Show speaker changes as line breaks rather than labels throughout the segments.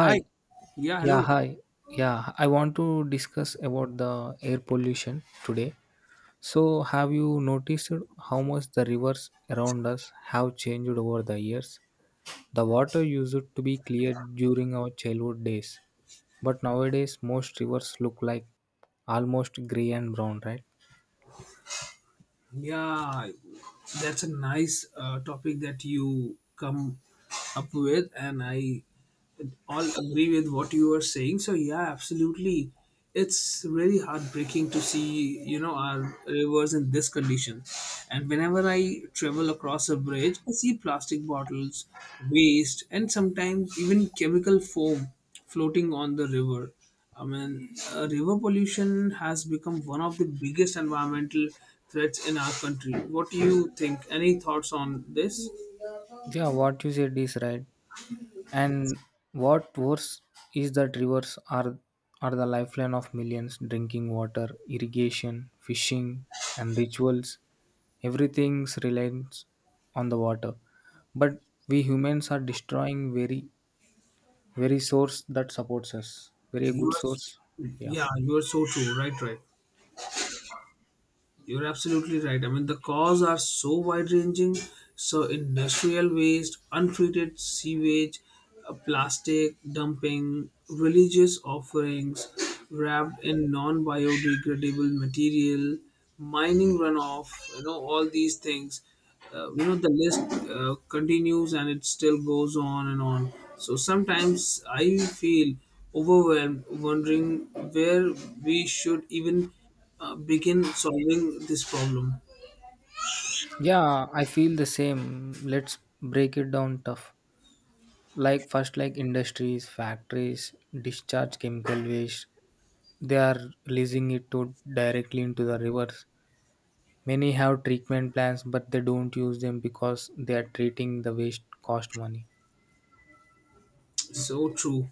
Hi. Yeah,
Yeah,
hello.
hi. Yeah, I want to discuss about the air pollution today. So, have you noticed how much the rivers around us have changed over the years? The water used to be clear during our childhood days, but nowadays most rivers look like almost gray and brown, right?
Yeah, that's a nice topic that you come up with, and I all agree with what you are saying. So yeah, absolutely. It's really heartbreaking to see, our rivers in this condition. And whenever I travel across a bridge, I see plastic bottles, waste, and sometimes even chemical foam floating on the river. I mean, river pollution has become one of the biggest environmental threats in our country. What do you think? Any thoughts on this?
Yeah, what you said is right. And what worse is that rivers are the lifeline of millions, drinking water, irrigation, fishing and rituals. Everything relies on the water. But we humans are destroying very source that supports us. Very
You
good source.
are,
Yeah.
yeah, you are so true. Right, right. You're absolutely right. I mean, the cause are so wide ranging. So, industrial waste, untreated sewage, plastic dumping, religious offerings wrapped in non biodegradable material, mining runoff, all these things. The list continues and it still goes on and on. So, sometimes I feel overwhelmed, wondering where we should even begin solving this problem.
Yeah, I feel the same. Let's break it down tough. Like first, like industries, factories discharge chemical waste, they are releasing it to directly into the rivers. Many have treatment plants, but they don't use them because they are treating the waste cost money.
So true.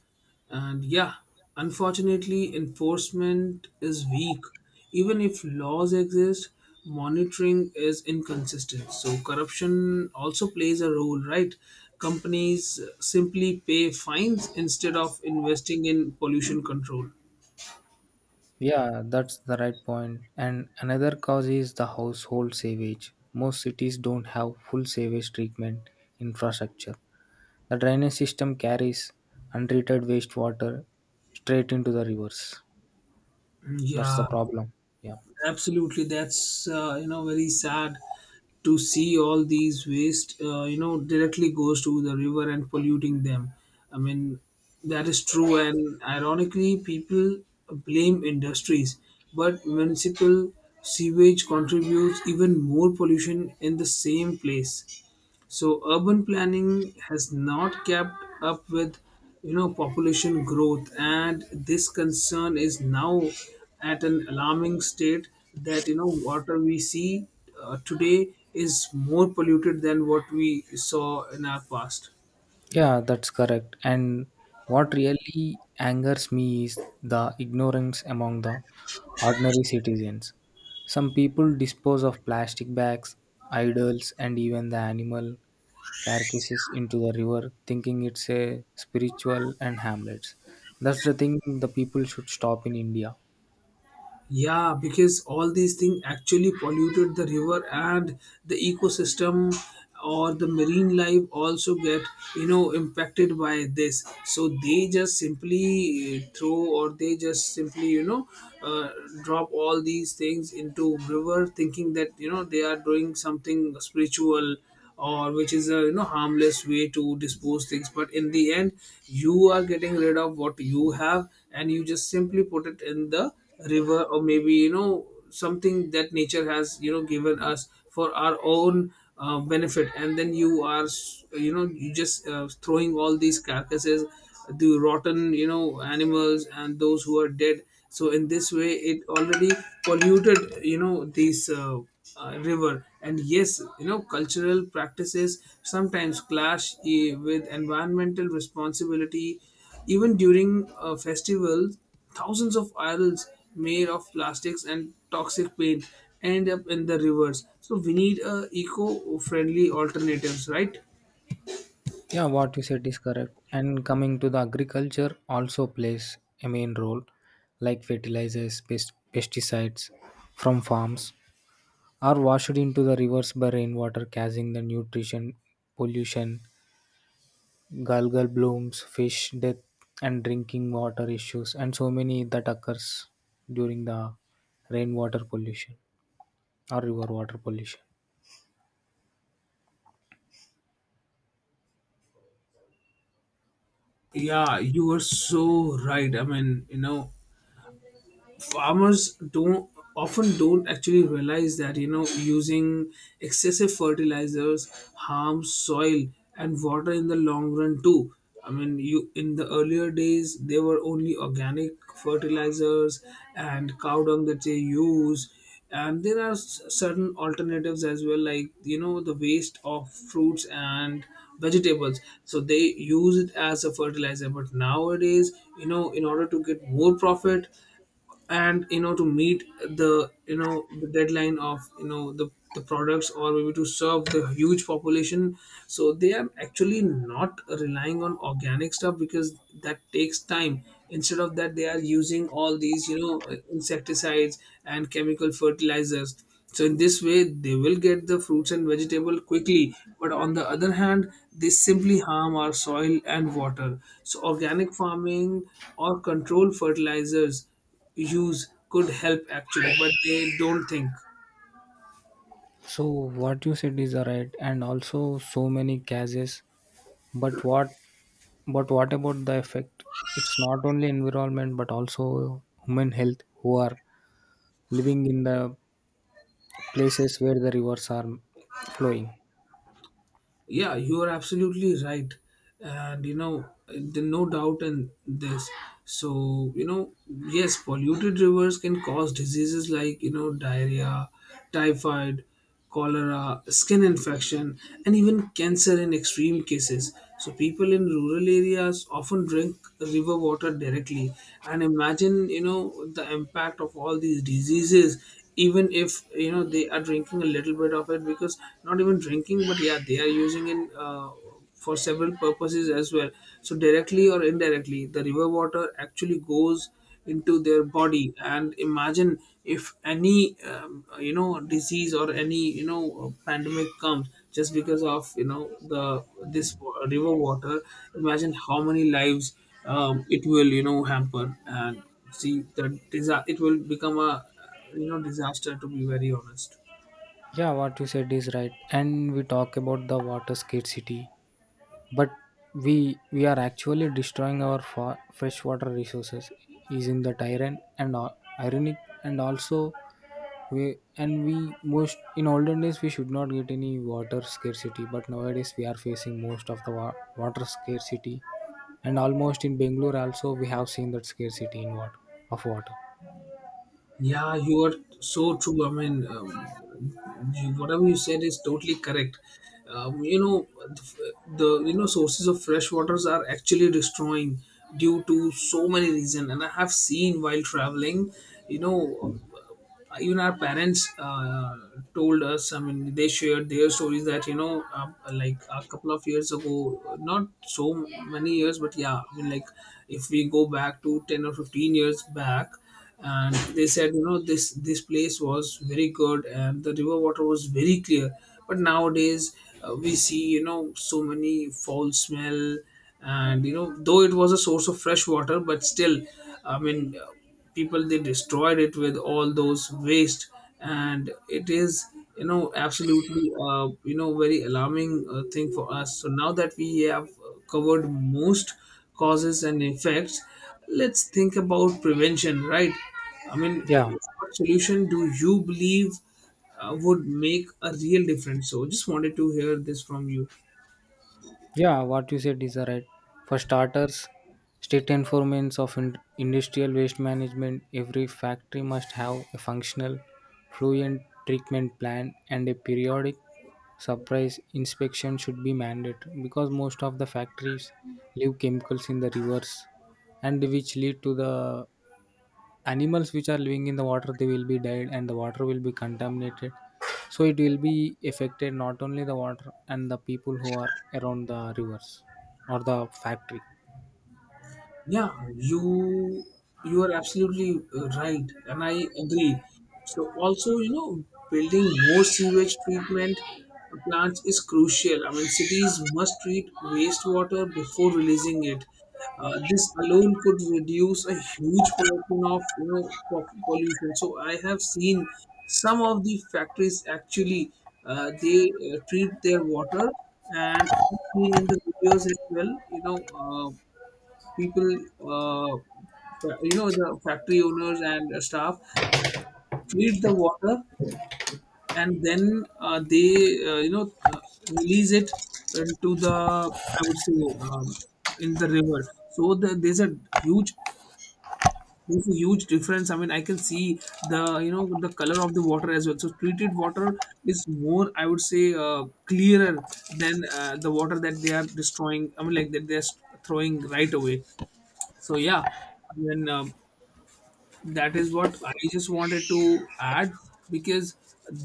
And yeah, unfortunately, enforcement is weak. Even if laws exist, monitoring is inconsistent. So corruption also plays a role, right? Companies simply pay fines instead of investing in pollution control.
Yeah, that's the right point. And another cause is the household sewage. Most cities don't have full sewage treatment infrastructure, the drainage system carries untreated wastewater straight into the rivers.
Mm,
That's the
yeah,
problem. Yeah.
absolutely that's very sad to see all these waste directly goes to the river and polluting them. I mean, that is true, and ironically people blame industries, but municipal sewage contributes even more pollution in the same place. So urban planning has not kept up with population growth, and this concern is now at an alarming state, that water we see today is more polluted than what we saw in our past.
Yeah, that's correct. And what really angers me is the ignorance among the ordinary citizens. Some people dispose of plastic bags, idols, and even the animal carcasses into the river, thinking it's a spiritual and harmless. That's the thing the people should stop in India.
Yeah, because all these things actually polluted the river, and the ecosystem or the marine life also get impacted by this. So they just simply throw, or they just simply uh, drop all these things into river thinking that they are doing something spiritual, or which is a harmless way to dispose things. But in the end, you are getting rid of what you have, and you just simply put it in the river, or maybe something that nature has given us for our own benefit. And then you just throwing all these carcasses, the rotten animals, and those who are dead. So in this way it already polluted this river. And yes, cultural practices sometimes clash with environmental responsibility. Even during festivals, thousands of idols made of plastics and toxic paint end up in the rivers, so we need eco-friendly alternatives, right?
Yeah, what you said is correct. And coming to the agriculture, also plays a main role, like fertilizers, pesticides from farms are washed into the rivers by rainwater, causing the nutrition pollution, algal blooms, fish death, and drinking water issues, and so many that occurs during the rainwater pollution or river water pollution.
Yeah, you are so right. I mean, farmers don't often don't actually realize that using excessive fertilizers harms soil and water in the long run too. I mean, you in the earlier days there were only organic fertilizers and cow dung that they use, and there are certain alternatives as well, like the waste of fruits and vegetables, so they use it as a fertilizer. But nowadays, in order to get more profit, and to meet the the deadline of the products, or maybe to serve the huge population, so they are actually not relying on organic stuff because that takes time. Instead of that, they are using all these insecticides and chemical fertilizers. So in this way they will get the fruits and vegetable quickly, but on the other hand they simply harm our soil and water. So organic farming or controlled fertilizers use could help actually, but they don't think.
So what you said is right, and also so many cases. But what, but what about the effect? It's not only environment, but also human health who are living in the places where the rivers are flowing.
Yeah, you are absolutely right, and there's no doubt in this. So yes, polluted rivers can cause diseases like diarrhea, typhoid, cholera, skin infection, and even cancer in extreme cases. So people in rural areas often drink river water directly, and imagine the impact of all these diseases, even if they are drinking a little bit of it. Because not even drinking, but yeah, they are using it for several purposes as well. So directly or indirectly the river water actually goes into their body. And imagine if any disease or any pandemic comes just because of you know the river water. Imagine how many lives it will hamper. And see the it will become a disaster, to be very honest.
Yeah, what you said is right. And we talk about the water scarcity, but we are actually destroying our freshwater resources using the tyrant and all, ironic. And also, we most in olden days we should not get any water scarcity, but nowadays we are facing most of the water scarcity, and almost in Bangalore also we have seen that scarcity in water of water.
Yeah, you are so true. I mean, whatever you said is totally correct. Um, you know the, the you know sources of fresh waters are actually destroying due to so many reasons. And I have seen while traveling, you know even our parents told us. I mean, they shared their stories that like a couple of years ago, not so many years, but yeah, I mean, like if we go back to 10 or 15 years back. And they said this place was very good and the river water was very clear. But nowadays we see so many foul smell. And though it was a source of fresh water, but still, I mean, people they destroyed it with all those waste. And it is absolutely very alarming thing for us. So now that we have covered most causes and effects, let's think about prevention, right? I mean,
Yeah.
what solution do you believe would make a real difference? So just wanted to hear this from you.
Yeah, what you said is right. For starters, state enforcement of industrial waste management, every factory must have a functional fluent treatment plan, and a periodic surprise inspection should be mandated, because most of the factories leave chemicals in the rivers, and which lead to the animals which are living in the water, they will be dead and the water will be contaminated. So it will be affected, not only the water and the people who are around the rivers or the factory.
Yeah, you you are absolutely right, and I agree. So also, building more sewage treatment plants is crucial. I mean, cities must treat wastewater before releasing it. This alone could reduce a huge portion of pollution. So I have seen some of the factories actually they treat their water, and I've seen in the videos as well. Uh, People uh, the factory owners and staff treat the water. And then they uh, you know uh, release it into, the I would say, um, in the river. So there's a huge difference. I mean, I can see the you know the color of the water as well. So treated water is more, I would say, clearer than the water that they are destroying, I mean, like that they're throwing right away. So yeah, I mean, that is what I just wanted to add, because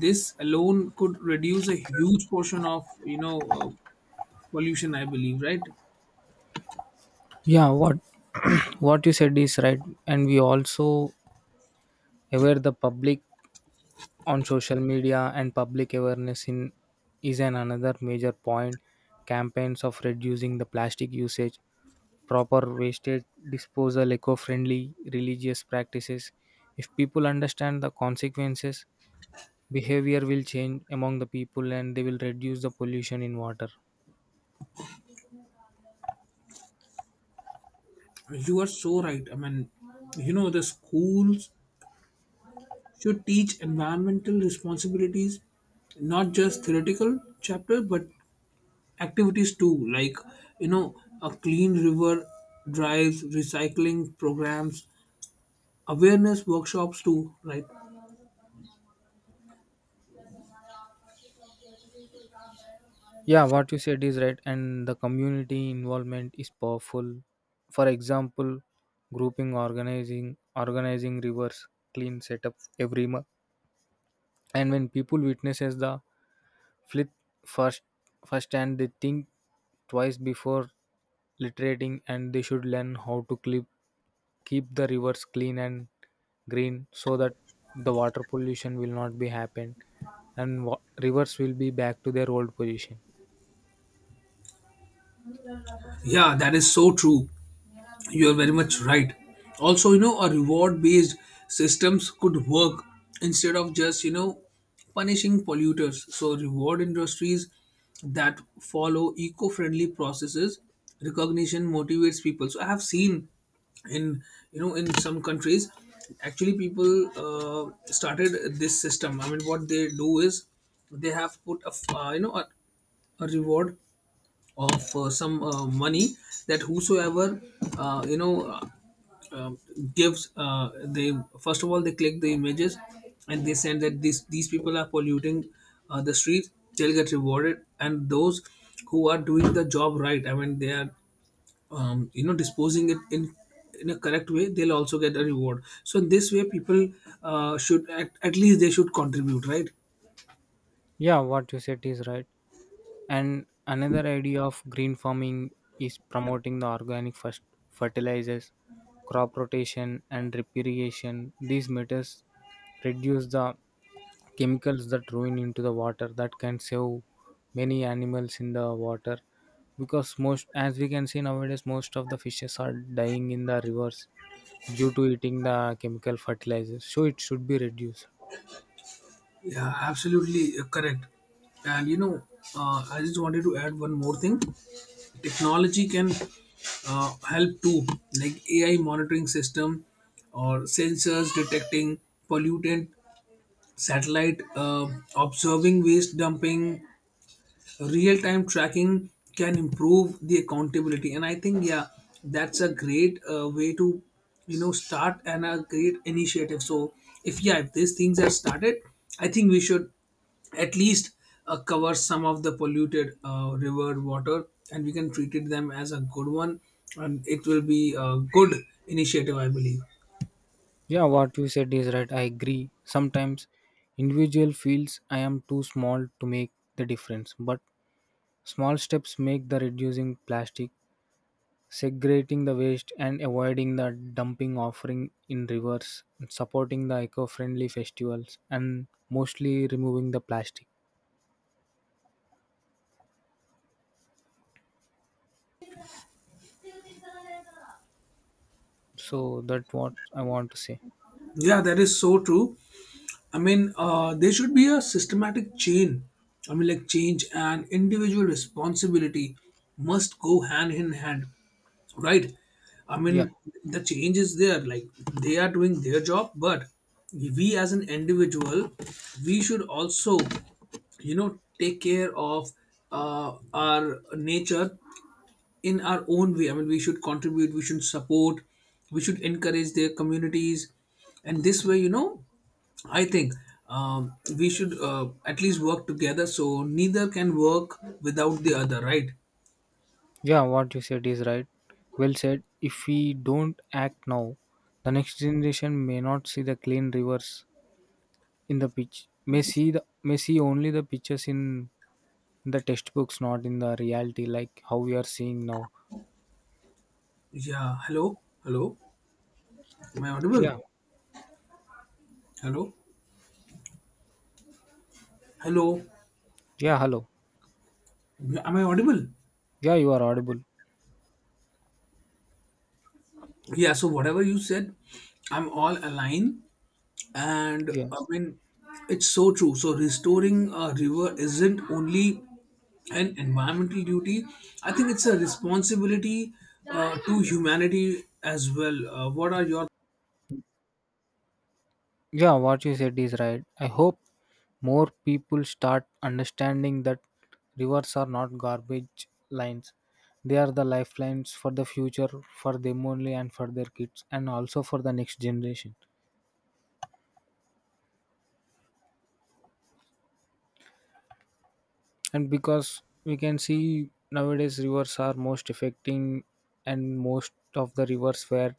this alone could reduce a huge portion of pollution, I believe, right?
Yeah, what what you said is right. And we also aware the public on social media, and public awareness in is an another major point. Campaigns of reducing the plastic usage, proper wastage disposal, eco friendly religious practices. If people understand the consequences, behavior will change among the people and they will reduce the pollution in water.
You are so right. I mean, the schools should teach environmental responsibilities, not just theoretical chapter, but activities too, like you know a clean river drives, recycling programs, awareness workshops too, right?
Yeah, what you said is right, and the community involvement is powerful. For example, grouping, organizing rivers clean setup every month, and when people witnesses the flit first first and they think twice before literating, and they should learn how to keep the rivers clean and green, so that the water pollution will not be happen and rivers will be back to their old position.
Yeah, that is so true. You are very much right. Also, a reward based systems could work, instead of just punishing polluters. So reward industries that follow eco-friendly processes. Recognition motivates people. So I have seen in in some countries actually people started this system. I mean, what they do is they have put a a reward of some money, that whosoever uh, you know uh, uh, gives, they first of all they click the images and they send that these people are polluting the streets, they'll get rewarded. And those who are doing the job right, I mean, they are disposing it in a correct way, they'll also get a reward. So in this way people should at least they should contribute, right?
Yeah, what you said is right. And another idea of green farming is promoting the organic first fertilizers, crop rotation and drip irrigation. These methods reduce the chemicals that ruin into the water, that can save many animals in the water, because most as we can see nowadays most of the fishes are dying in the rivers due to eating the chemical fertilizers, so it should be reduced.
Yeah, absolutely correct. And I just wanted to add one more thing. Technology can help too, like AI monitoring system or sensors detecting pollutant, satellite observing waste dumping, real time tracking can improve the accountability. And I think, yeah, that's a great way to start, and a great initiative. So if yeah, if these things are started, I think we should at least cover some of the polluted river water, and we can treat it them as a good one, and it will be a good initiative, I believe.
Yeah, what you said is right. I agree, sometimes individual feels I am too small to make the difference, but small steps make the reducing plastic, segregating the waste and avoiding the dumping offering in rivers, supporting the eco-friendly festivals, and mostly removing the plastic. So that what I want to say.
Yeah, that is so true. I mean, there should be a systematic chain. I mean, like change and individual responsibility must go hand in hand, right? I
Yeah.
mean, the change is there. Like they are doing their job, but we as an individual, we should also, take care of our nature in our own way. I mean, we should contribute, we should support, we should encourage their communities, and this way, I think we should at least work together. So neither can work without the other, right?
Yeah, what you said is right. Well said, if we don't act now, the next generation may not see the clean rivers in the pitch, may see only the pictures in the textbooks, not in the reality like how we are seeing now.
Yeah. Hello. Hello. Am I audible?
Yeah.
Hello. Hello.
Yeah, hello.
Am I audible?
Yeah, you are audible.
Yeah. So whatever you said, I'm all aligned. and i
Yes.
mean it's so true. So restoring a river isn't only an environmental duty. I think it's a responsibility to humanity as well. What are your...
Yeah, what you said is right. I hope more people start understanding that rivers are not garbage lines. They are the lifelines for the future, for them only, and for their kids, and also for the next generation. And because we can see nowadays rivers are most affecting, and most of the rivers were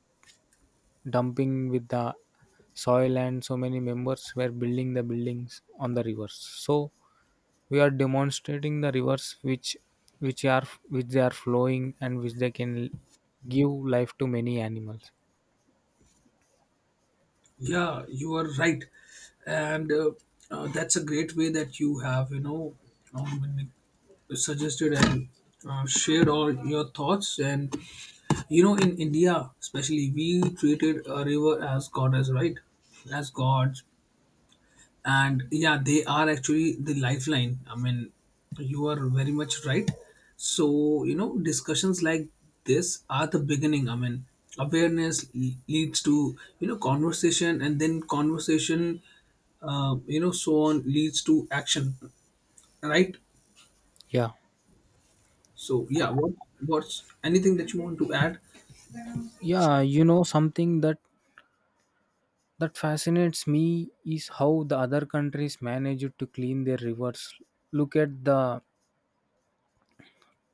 dumping with the soil, and so many members were building the buildings on the rivers. So we are demonstrating the rivers which are which they are flowing and which they can give life to many animals.
yeah, you are right. And that's a great way that you have, you know, um, suggested and shared all your thoughts. And you know, in India especially, we treated a river as goddess, right? As gods. And yeah, they are actually the lifeline. I mean, you are very much right. So you know, discussions like this are the beginning. I mean, awareness leads to, you know, conversation, and then conversation, you know, so on leads to action, right?
Yeah.
So yeah, what what's anything that you want to add?
Yeah, you know something that fascinates me is how the other countries manage to clean their rivers. Look at the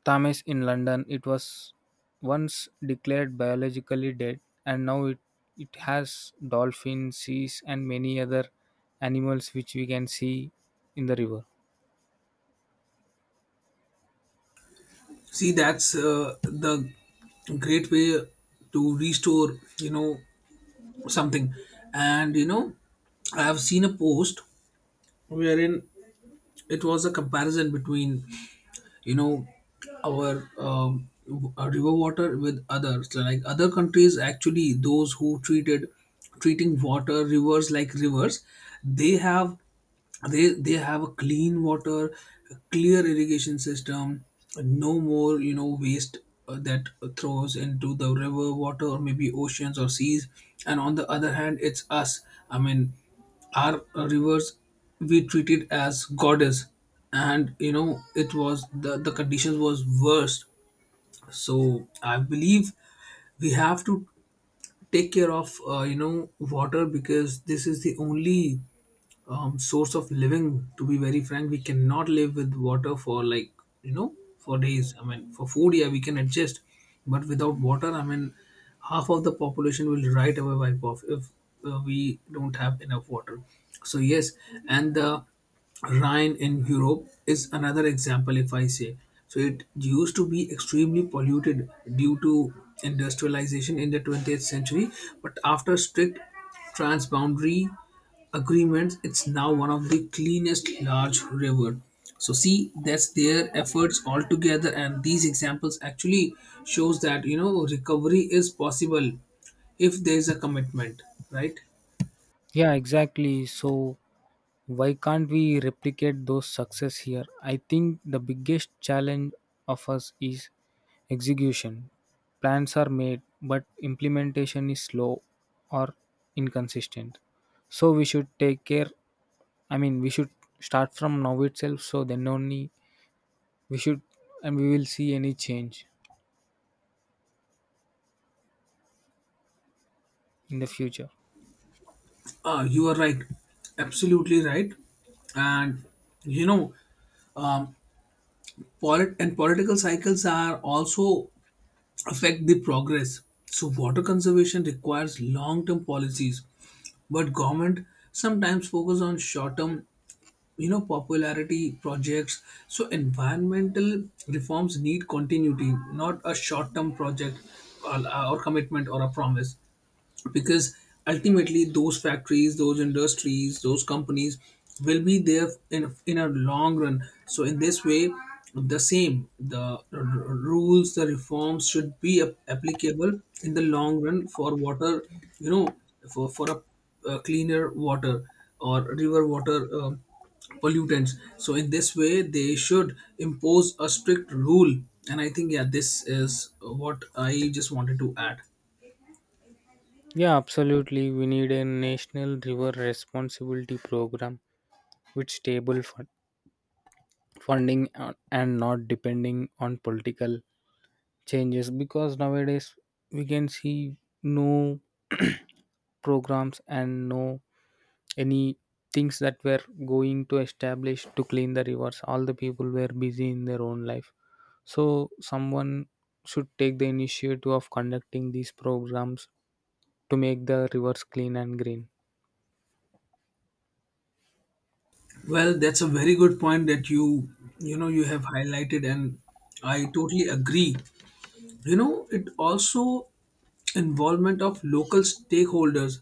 Thames in London. It was once declared biologically dead, and now it has dolphins, seas, and many other animals which we can see in the river.
See, that's the great way to restore, you know, something. And you know, I have seen a post wherein it was a comparison between, you know, our river water with others, like other countries, actually those who treated treating water rivers like rivers, they have, they have a clean water, a clear irrigation system, no more, you know, waste that throws into the river water or maybe oceans or seas. And on the other hand, it's us. I mean, our rivers, we treated as goddess. And you know, it was, the conditions was worse. So I believe we have to take care of, you know, water, because this is the only source of living, to be very frank. We cannot live with water for, like, you know, for days. I mean, for food, yeah, we can adjust, but without water, I mean, half of the population will right away wipe off if we don't have enough water. So yes. And the Rhine in Europe is another example, if I say. So it used to be extremely polluted due to industrialization in the 20th century, but after strict transboundary agreements, it's now one of the cleanest large river. So see, that's their efforts altogether, and these examples actually shows that, you know, recovery is possible if there is a commitment, right?
Yeah, exactly. So, why can't we replicate those success here? I think the biggest challenge of us is execution. Plans are made, but implementation is slow or inconsistent. So, we should take care. I mean, we should start from now itself. So, then only we should, and we will see any change in the future.
Ah, you are right, absolutely right. And you know, um, and political cycles are also affect the progress. So water conservation requires long term policies, but government sometimes focus on short term, you know, popularity projects. So environmental reforms need continuity, not a short term project, or, or commitment or a promise, because ultimately those factories, those industries, those companies will be there in a long run. So in this way, the same the rules, the reforms should be applicable in the long run for water, you know, for a, cleaner water or river water, um, pollutants. So in this way, they should impose a strict rule. And I think, yeah, this is what I just wanted to add.
Yeah, absolutely. We need a national river responsibility program with stable funding and not depending on political changes, because nowadays we can see no programs and no any things that were going to establish to clean the rivers. All the people were busy in their own life, so someone should take the initiative of conducting these programs to make the rivers clean and green.
Well, that's a very good point that you have highlighted, and I totally agree. You know, it also involvement of local stakeholders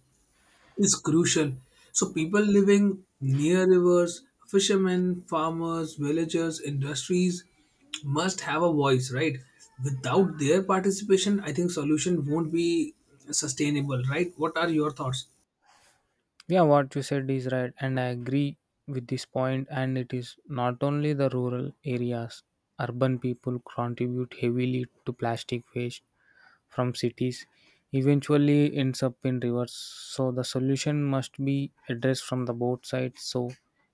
is crucial. So people living near rivers, fishermen, farmers, villagers, industries must have a voice, right? Without their participation, I think solution won't be sustainable, right? What are your thoughts?
Yeah, what you said is right, and I agree with this point. And it is not only the rural areas, urban people contribute heavily to plastic waste from cities, eventually ends up in rivers. So, the solution must be addressed from the both sides. So,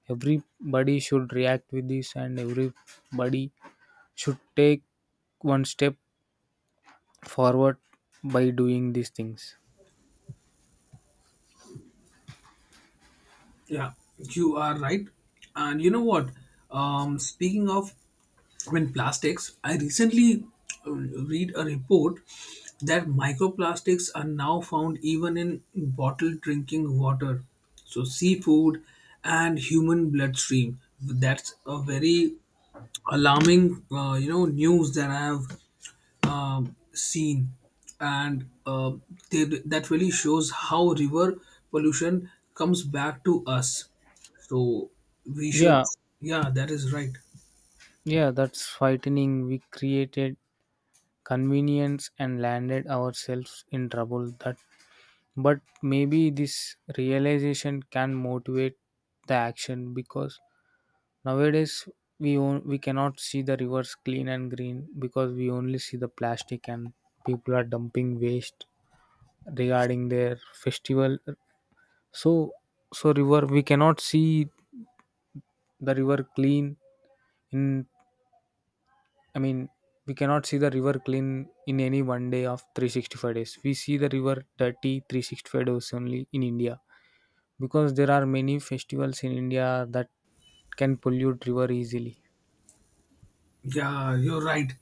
everybody should react with this, and everybody should take one step forward by doing these things.
Yeah, you are right. And you know what? Speaking of when plastics, I recently read a report that microplastics are now found even in bottled drinking water, so seafood and human bloodstream. That's a very alarming, you know, news that I have scene. And they, that really shows how river pollution comes back to us, so we should...
Yeah,
yeah, that is right.
yeah, that's frightening. We created convenience and landed ourselves in trouble that, but maybe this realization can motivate the action, because nowadays we cannot see the rivers clean and green because we only see the plastic, and people are dumping waste regarding their festival. So, river, we cannot see the river clean in, I mean, we cannot see the river clean in any one day of 365 days. We see the river dirty 365 days only in India, because there are many festivals in India that can pollute river easily.
Yeah, you're right.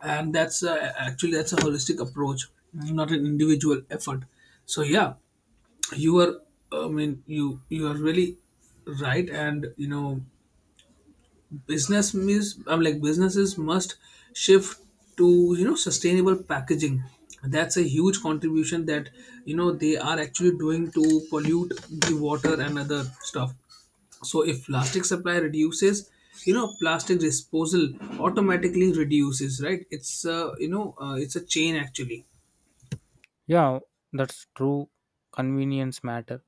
And that's actually, that's a holistic approach, not an individual effort. So yeah, you are, I mean, you are really right. And you know, I'm like businesses must shift to, you know, sustainable packaging. That's a huge contribution that, you know, they are actually doing to pollute the water and other stuff. So if plastic supply reduces, you know, plastic disposal automatically reduces, right? It's you know, it's a chain actually.
Yeah, that's true. Convenience matter.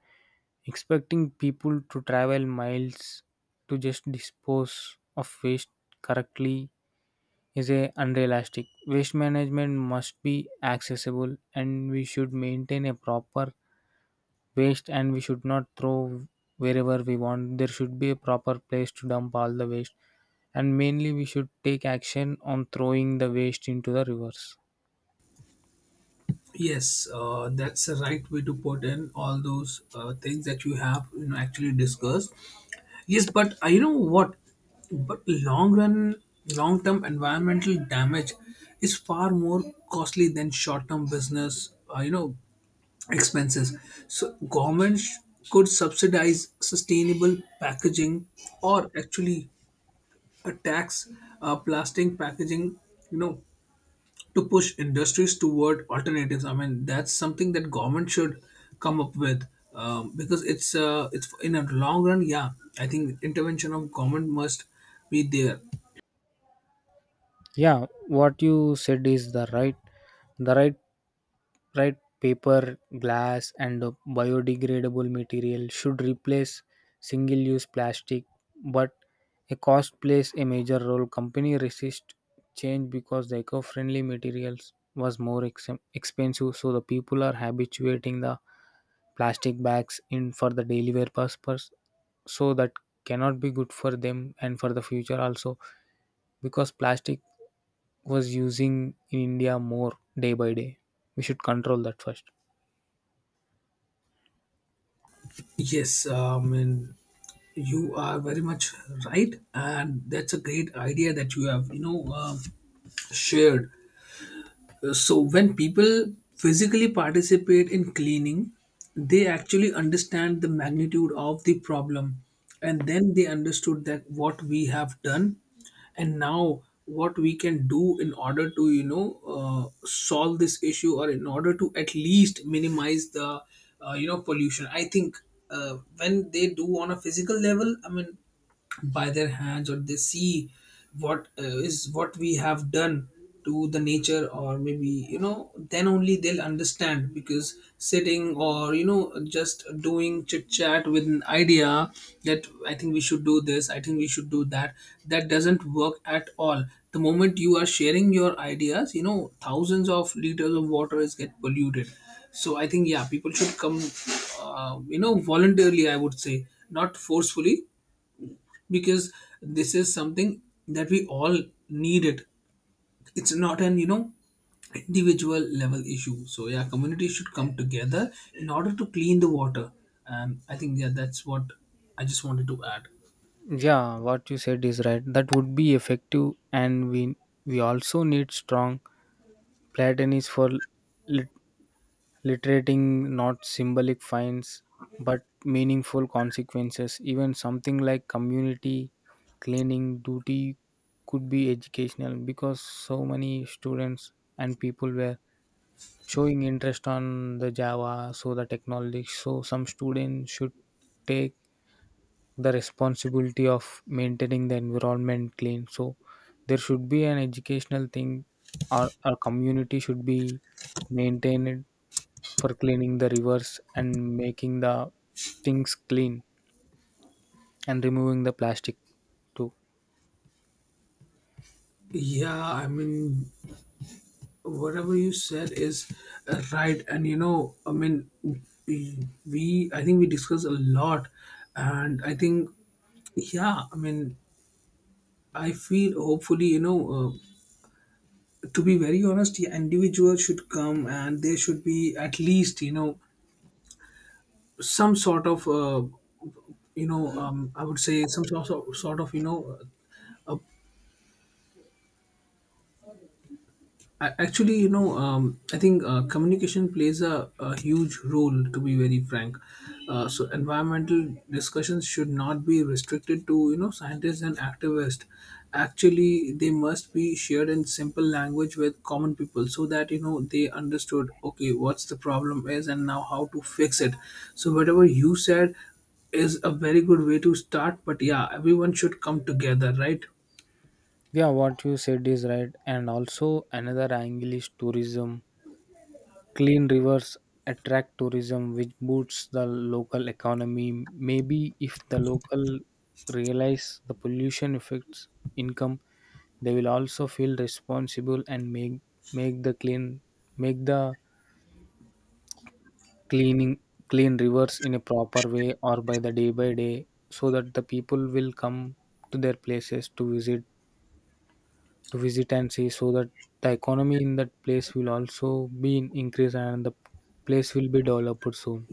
Expecting people to travel miles to just dispose of waste correctly is a unrealistic. Waste management must be accessible, and we should maintain a proper waste, and we should not throw wherever we want. There should be a proper place to dump all the waste. And mainly we should take action on throwing the waste into the rivers.
Yes, that's the right way to put in all those things that you have, you know, actually discussed. Yes, but I know what, but long run, long term environmental damage is far more costly than short term business, you know, expenses. So government could subsidize sustainable packaging, or actually a tax, plastic packaging, you know, to push industries toward alternatives. I mean, that's something that government should come up with, because it's in a long run. Yeah, I think intervention of government must be there.
Yeah, what you said is the right right Paper glass and biodegradable material should replace single use plastic, but a cost plays a major role. Company resist change because the eco-friendly materials was more expensive, so the people are habituating the plastic bags in for the daily wear purpose, so that cannot be good for them and for the future also, because plastic was using in India more day by day. We should control that first.
Yes, I mean, you are very much right, and that's a great idea that you have, you know, shared. So, when people physically participate in cleaning, they actually understand the magnitude of the problem. And then they understood that what we have done, and now what we can do in order to, you know, solve this issue, or in order to at least minimize the, you know, pollution. I think when they do on a physical level, I mean, by their hands, or they see what is what we have done to the nature, or maybe, you know, then only they'll understand, because sitting, or you know, just doing chit chat with an idea that I think we should do this, I think we should do that, that doesn't work at all. The moment you are sharing your ideas, you know, thousands of liters of water is get polluted. So I think, yeah, people should come, you know, voluntarily, I would say, not forcefully, because this is something that we all need it. It's not an, you know, individual level issue. So yeah, community should come together in order to clean the water. And I think, yeah, that's what I just wanted to add.
Yeah, what you said is right. That would be effective, and we also need strong Platon for lit- literating, not symbolic fines but meaningful consequences. Even something like community cleaning duty could be educational, because so many students and people were showing interest on the java, so the technology, so some students should take the responsibility of maintaining the environment clean. So there should be an educational thing or a community should be maintained for cleaning the rivers, and making the things clean, and removing the plastic too.
Yeah, I mean, whatever you said is right. And you know, I mean, we, I think we discussed a lot. And I think, yeah, I mean, I feel hopefully, you know, to be very honest, yeah, individuals should come, and there should be at least, you know, some sort of, you know, I would say some sort of you know, a... Actually, you know, I think communication plays a huge role, to be very frank. So, environmental discussions should not be restricted to, you know, scientists and activists. Actually, they must be shared in simple language with common people so that, you know, they understood, okay, what's the problem is, and now how to fix it. So, whatever you said is a very good way to start, but yeah, everyone should come together, right?
Yeah, what you said is right. And also, another angle is tourism. Clean rivers attract tourism, which boosts the local economy. Maybe if the local realize the pollution affects income, they will also feel responsible and make the clean make the cleaning clean rivers in a proper way or by the day by day, so that the people will come to their places to visit and see, so that the economy in that place will also be in increase and the place will be developed soon.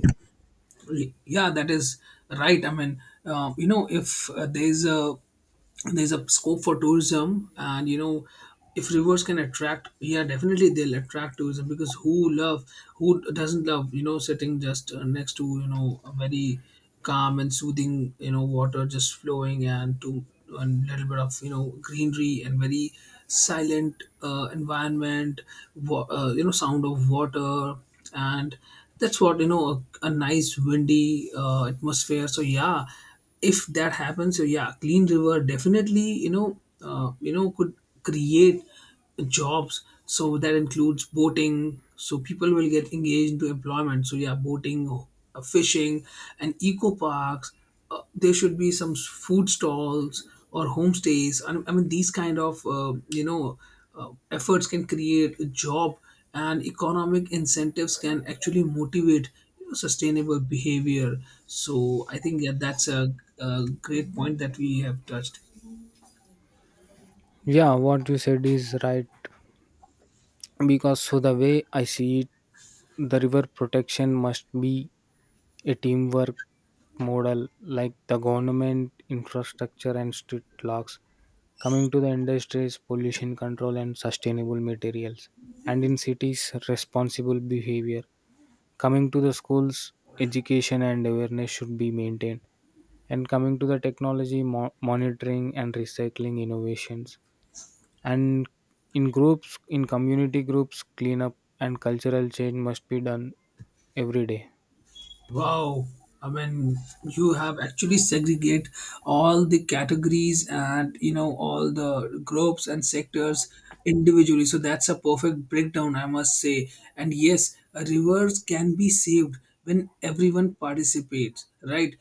Yeah, that is right. I mean, you know, if there's a scope for tourism, and you know, if rivers can attract, yeah, definitely they'll attract tourism, because who love, who doesn't love, you know, sitting just next to, you know, a very calm and soothing, you know, water just flowing, and to and little bit of, you know, greenery, and very silent environment, you know, sound of water, and that's what, you know, a nice windy atmosphere. So yeah, if that happens, so yeah, clean river definitely, you know, you know, could create jobs, so that includes boating, so people will get engaged into employment. So yeah, boating, fishing and eco parks, there should be some food stalls or homestays. I mean these kind of, you know, efforts can create a job, and economic incentives can actually motivate, you know, sustainable behavior. So I think, yeah, that's a great point that we have touched.
Yeah, what you said is right, because so the way I see it, the river protection must be a teamwork model, like the government infrastructure and street locks, coming to the industries pollution control and sustainable materials, and in cities responsible behavior, coming to the schools education and awareness should be maintained, and coming to the technology monitoring and recycling innovations, and in groups, in community groups cleanup and cultural change must be done every day.
Wow. I mean, you have actually segregate all the categories, and you know, all the groups and sectors individually. So that's a perfect breakdown, I must say. And yes, rivers can be saved when everyone participates, right?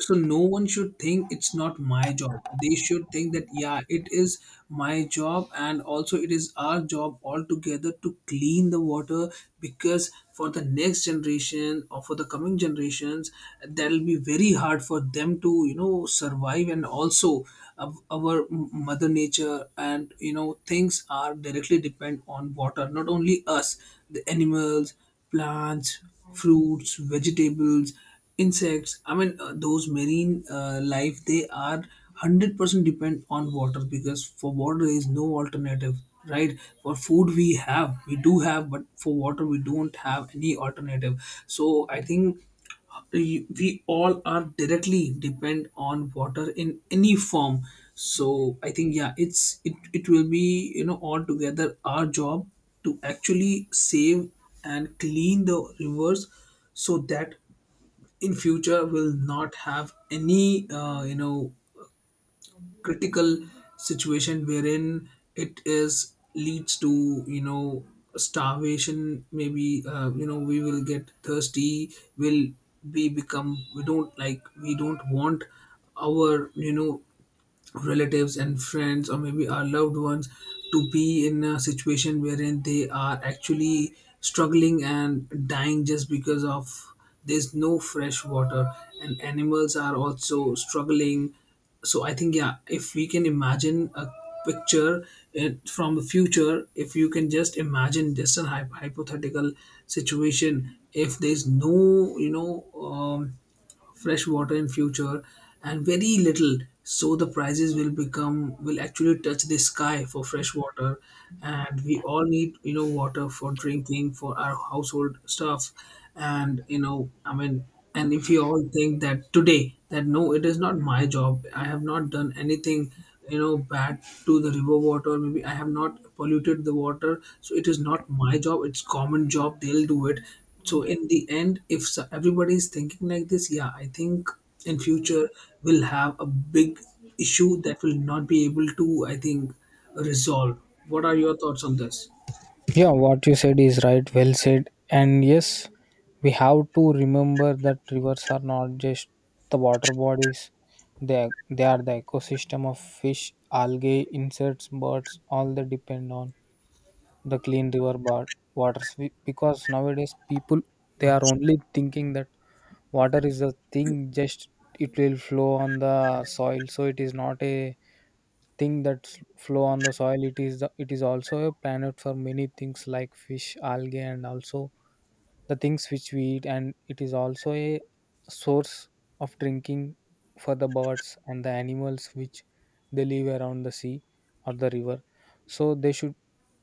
So no one should think it's not my job. They should think that yeah, it is my job, and also it is our job altogether to clean the water, because for the next generation or for the coming generations, that'll be very hard for them to survive. And also of our mother nature, and you know, things are directly depend on water, not only us, the animals, plants, fruits, vegetables, insects. Those marine life, they are 100% depend on water, because for water there is no alternative, right? For food we have, we do have, but for water we don't have any alternative. So I think we all are directly depend on water in any form. So I think yeah, it will be, you know, altogether our job to actually save and clean the rivers, so that in future will not have any critical situation wherein it is leads to, you know, starvation. Maybe we will get thirsty. Will we become, we don't like, we don't want our, you know, relatives and friends, or maybe our loved ones to be in a situation wherein they are actually struggling and dying just because of there's no fresh water. And animals are also struggling. So I think yeah, if we can imagine a picture, from the future if you can just imagine, just a hypothetical situation, if there's no fresh water in future, and very little, so the prices will become, will actually touch the sky for fresh water. And we all need, you know, water for drinking, for our household stuff. And and if you all think that today that no, it is not my job, I have not done anything, you know, bad to the river water, maybe I have not polluted the water, so it is not my job, it's common job, they'll do it. So in the end if everybody is thinking like this, yeah I think in future we'll have a big issue that will not be able to, I think, resolve. What are your thoughts on this?
Yeah, what you said is right. Well said. And yes, we have to remember that rivers are not just the water bodies. They are the ecosystem of fish, algae, insects, birds, all they depend on. The clean river bar, waters. We- because nowadays people, they are only thinking that water is a thing, just it will flow on the soil. So it is not a thing that flow on the soil. It is the, it is also a planet for many things like fish, algae, and also the things which we eat, and it is also a source of drinking for the birds and the animals which they live around the sea or the river. So they should,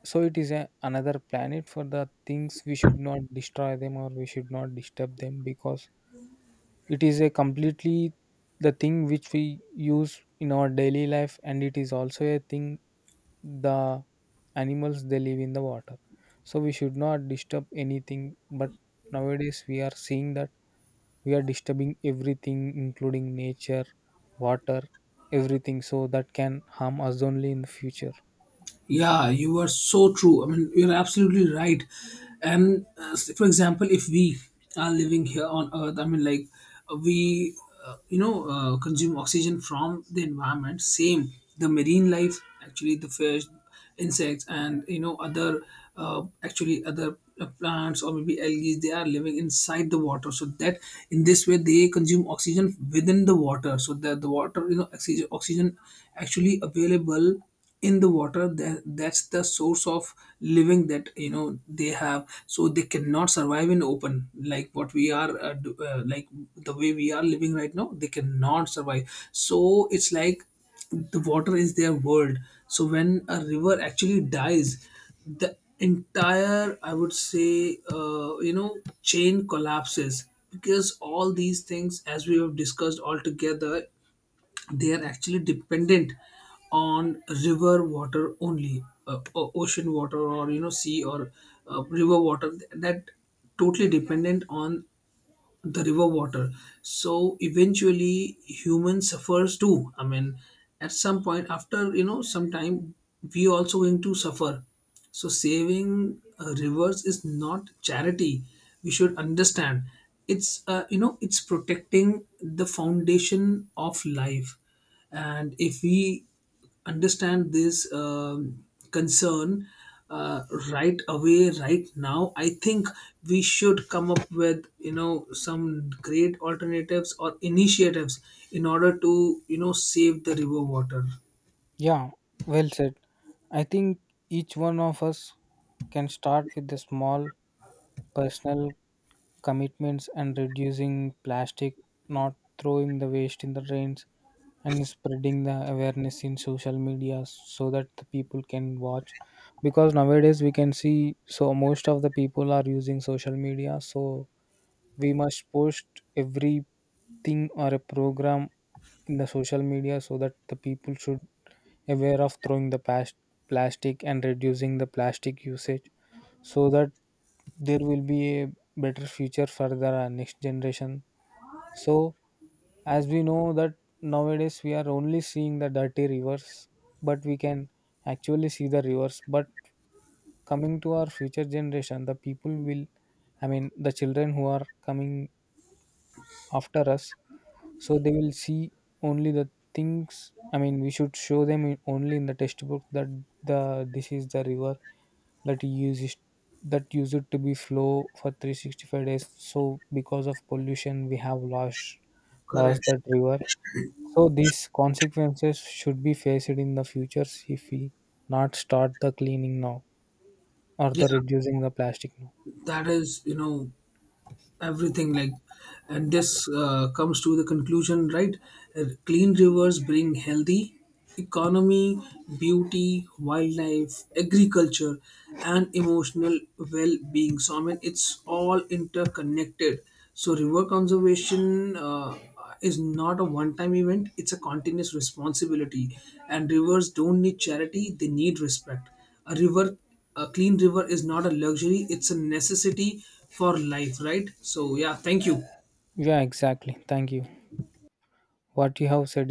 so it is a, another planet for the things we should not destroy them or we should not disturb them, because it is a completely the thing which we use in our daily life, and it is also a thing the animals they live in the water. So we should not disturb anything, but nowadays we are seeing that we are disturbing everything including nature, water, everything, so that can harm us only in the future.
Yeah, you are so true. I mean, you're absolutely right. And for example, if we are living here on Earth, I mean, like uh, we, consume oxygen from the environment. Same, the marine life, actually, the fish, insects, and you know, other, other plants or maybe algae, they are living inside the water. So that in this way, they consume oxygen within the water. So that the water, you know, oxygen actually available in the water, that's the source of living that you know they have. So they cannot survive in open like what we are like the way we are living right now. They cannot survive. So it's like the water is their world. So when a river actually dies, the entire, I would say, chain collapses, because all these things, as we have discussed, all together, they are actually dependent on river water only. Ocean water, or you know, sea, or river water, that totally dependent on the river water. So eventually human suffers too. I mean, at some point, after you know some time, we also going to suffer. So saving rivers is not charity, we should understand. It's it's protecting the foundation of life. And if we understand this concern, uh, right away, right now, I think we should come up with, you know, some great alternatives or initiatives in order to, you know, save the river water.
Yeah, well said. I think each one of us can start with the small personal commitments, and reducing plastic, not throwing the waste in the drains, and spreading the awareness in social media so that the people can watch. Because nowadays we can see so most of the people are using social media, so we must post everything or a program in the social media so that the people should aware of throwing the past plastic and reducing the plastic usage, so that there will be a better future for the next generation. So as we know that nowadays we are only seeing the dirty rivers, but we can actually see the rivers. But coming to our future generation, the people will, I mean the children who are coming after us, so they will see only the things. I mean we should show them in, only in the textbook that the this is the river that uses that used to be flow for 365 days, so because of pollution we have lost
Correct.
that river. So these consequences should be faced in the futures if we not start the cleaning now or
Yeah,
the reducing the plastic now.
that is, you know, everything like, and this comes to the conclusion, right? Clean rivers bring healthy economy, beauty, wildlife, agriculture, and emotional well-being. So I mean, it's all interconnected. So river conservation uh, is not a one time event, it's a continuous responsibility. And rivers don't need charity, they need respect. A river, a clean river is not a luxury, it's a necessity for life, right? So yeah, thank you.
Yeah, exactly, thank you. What you have said is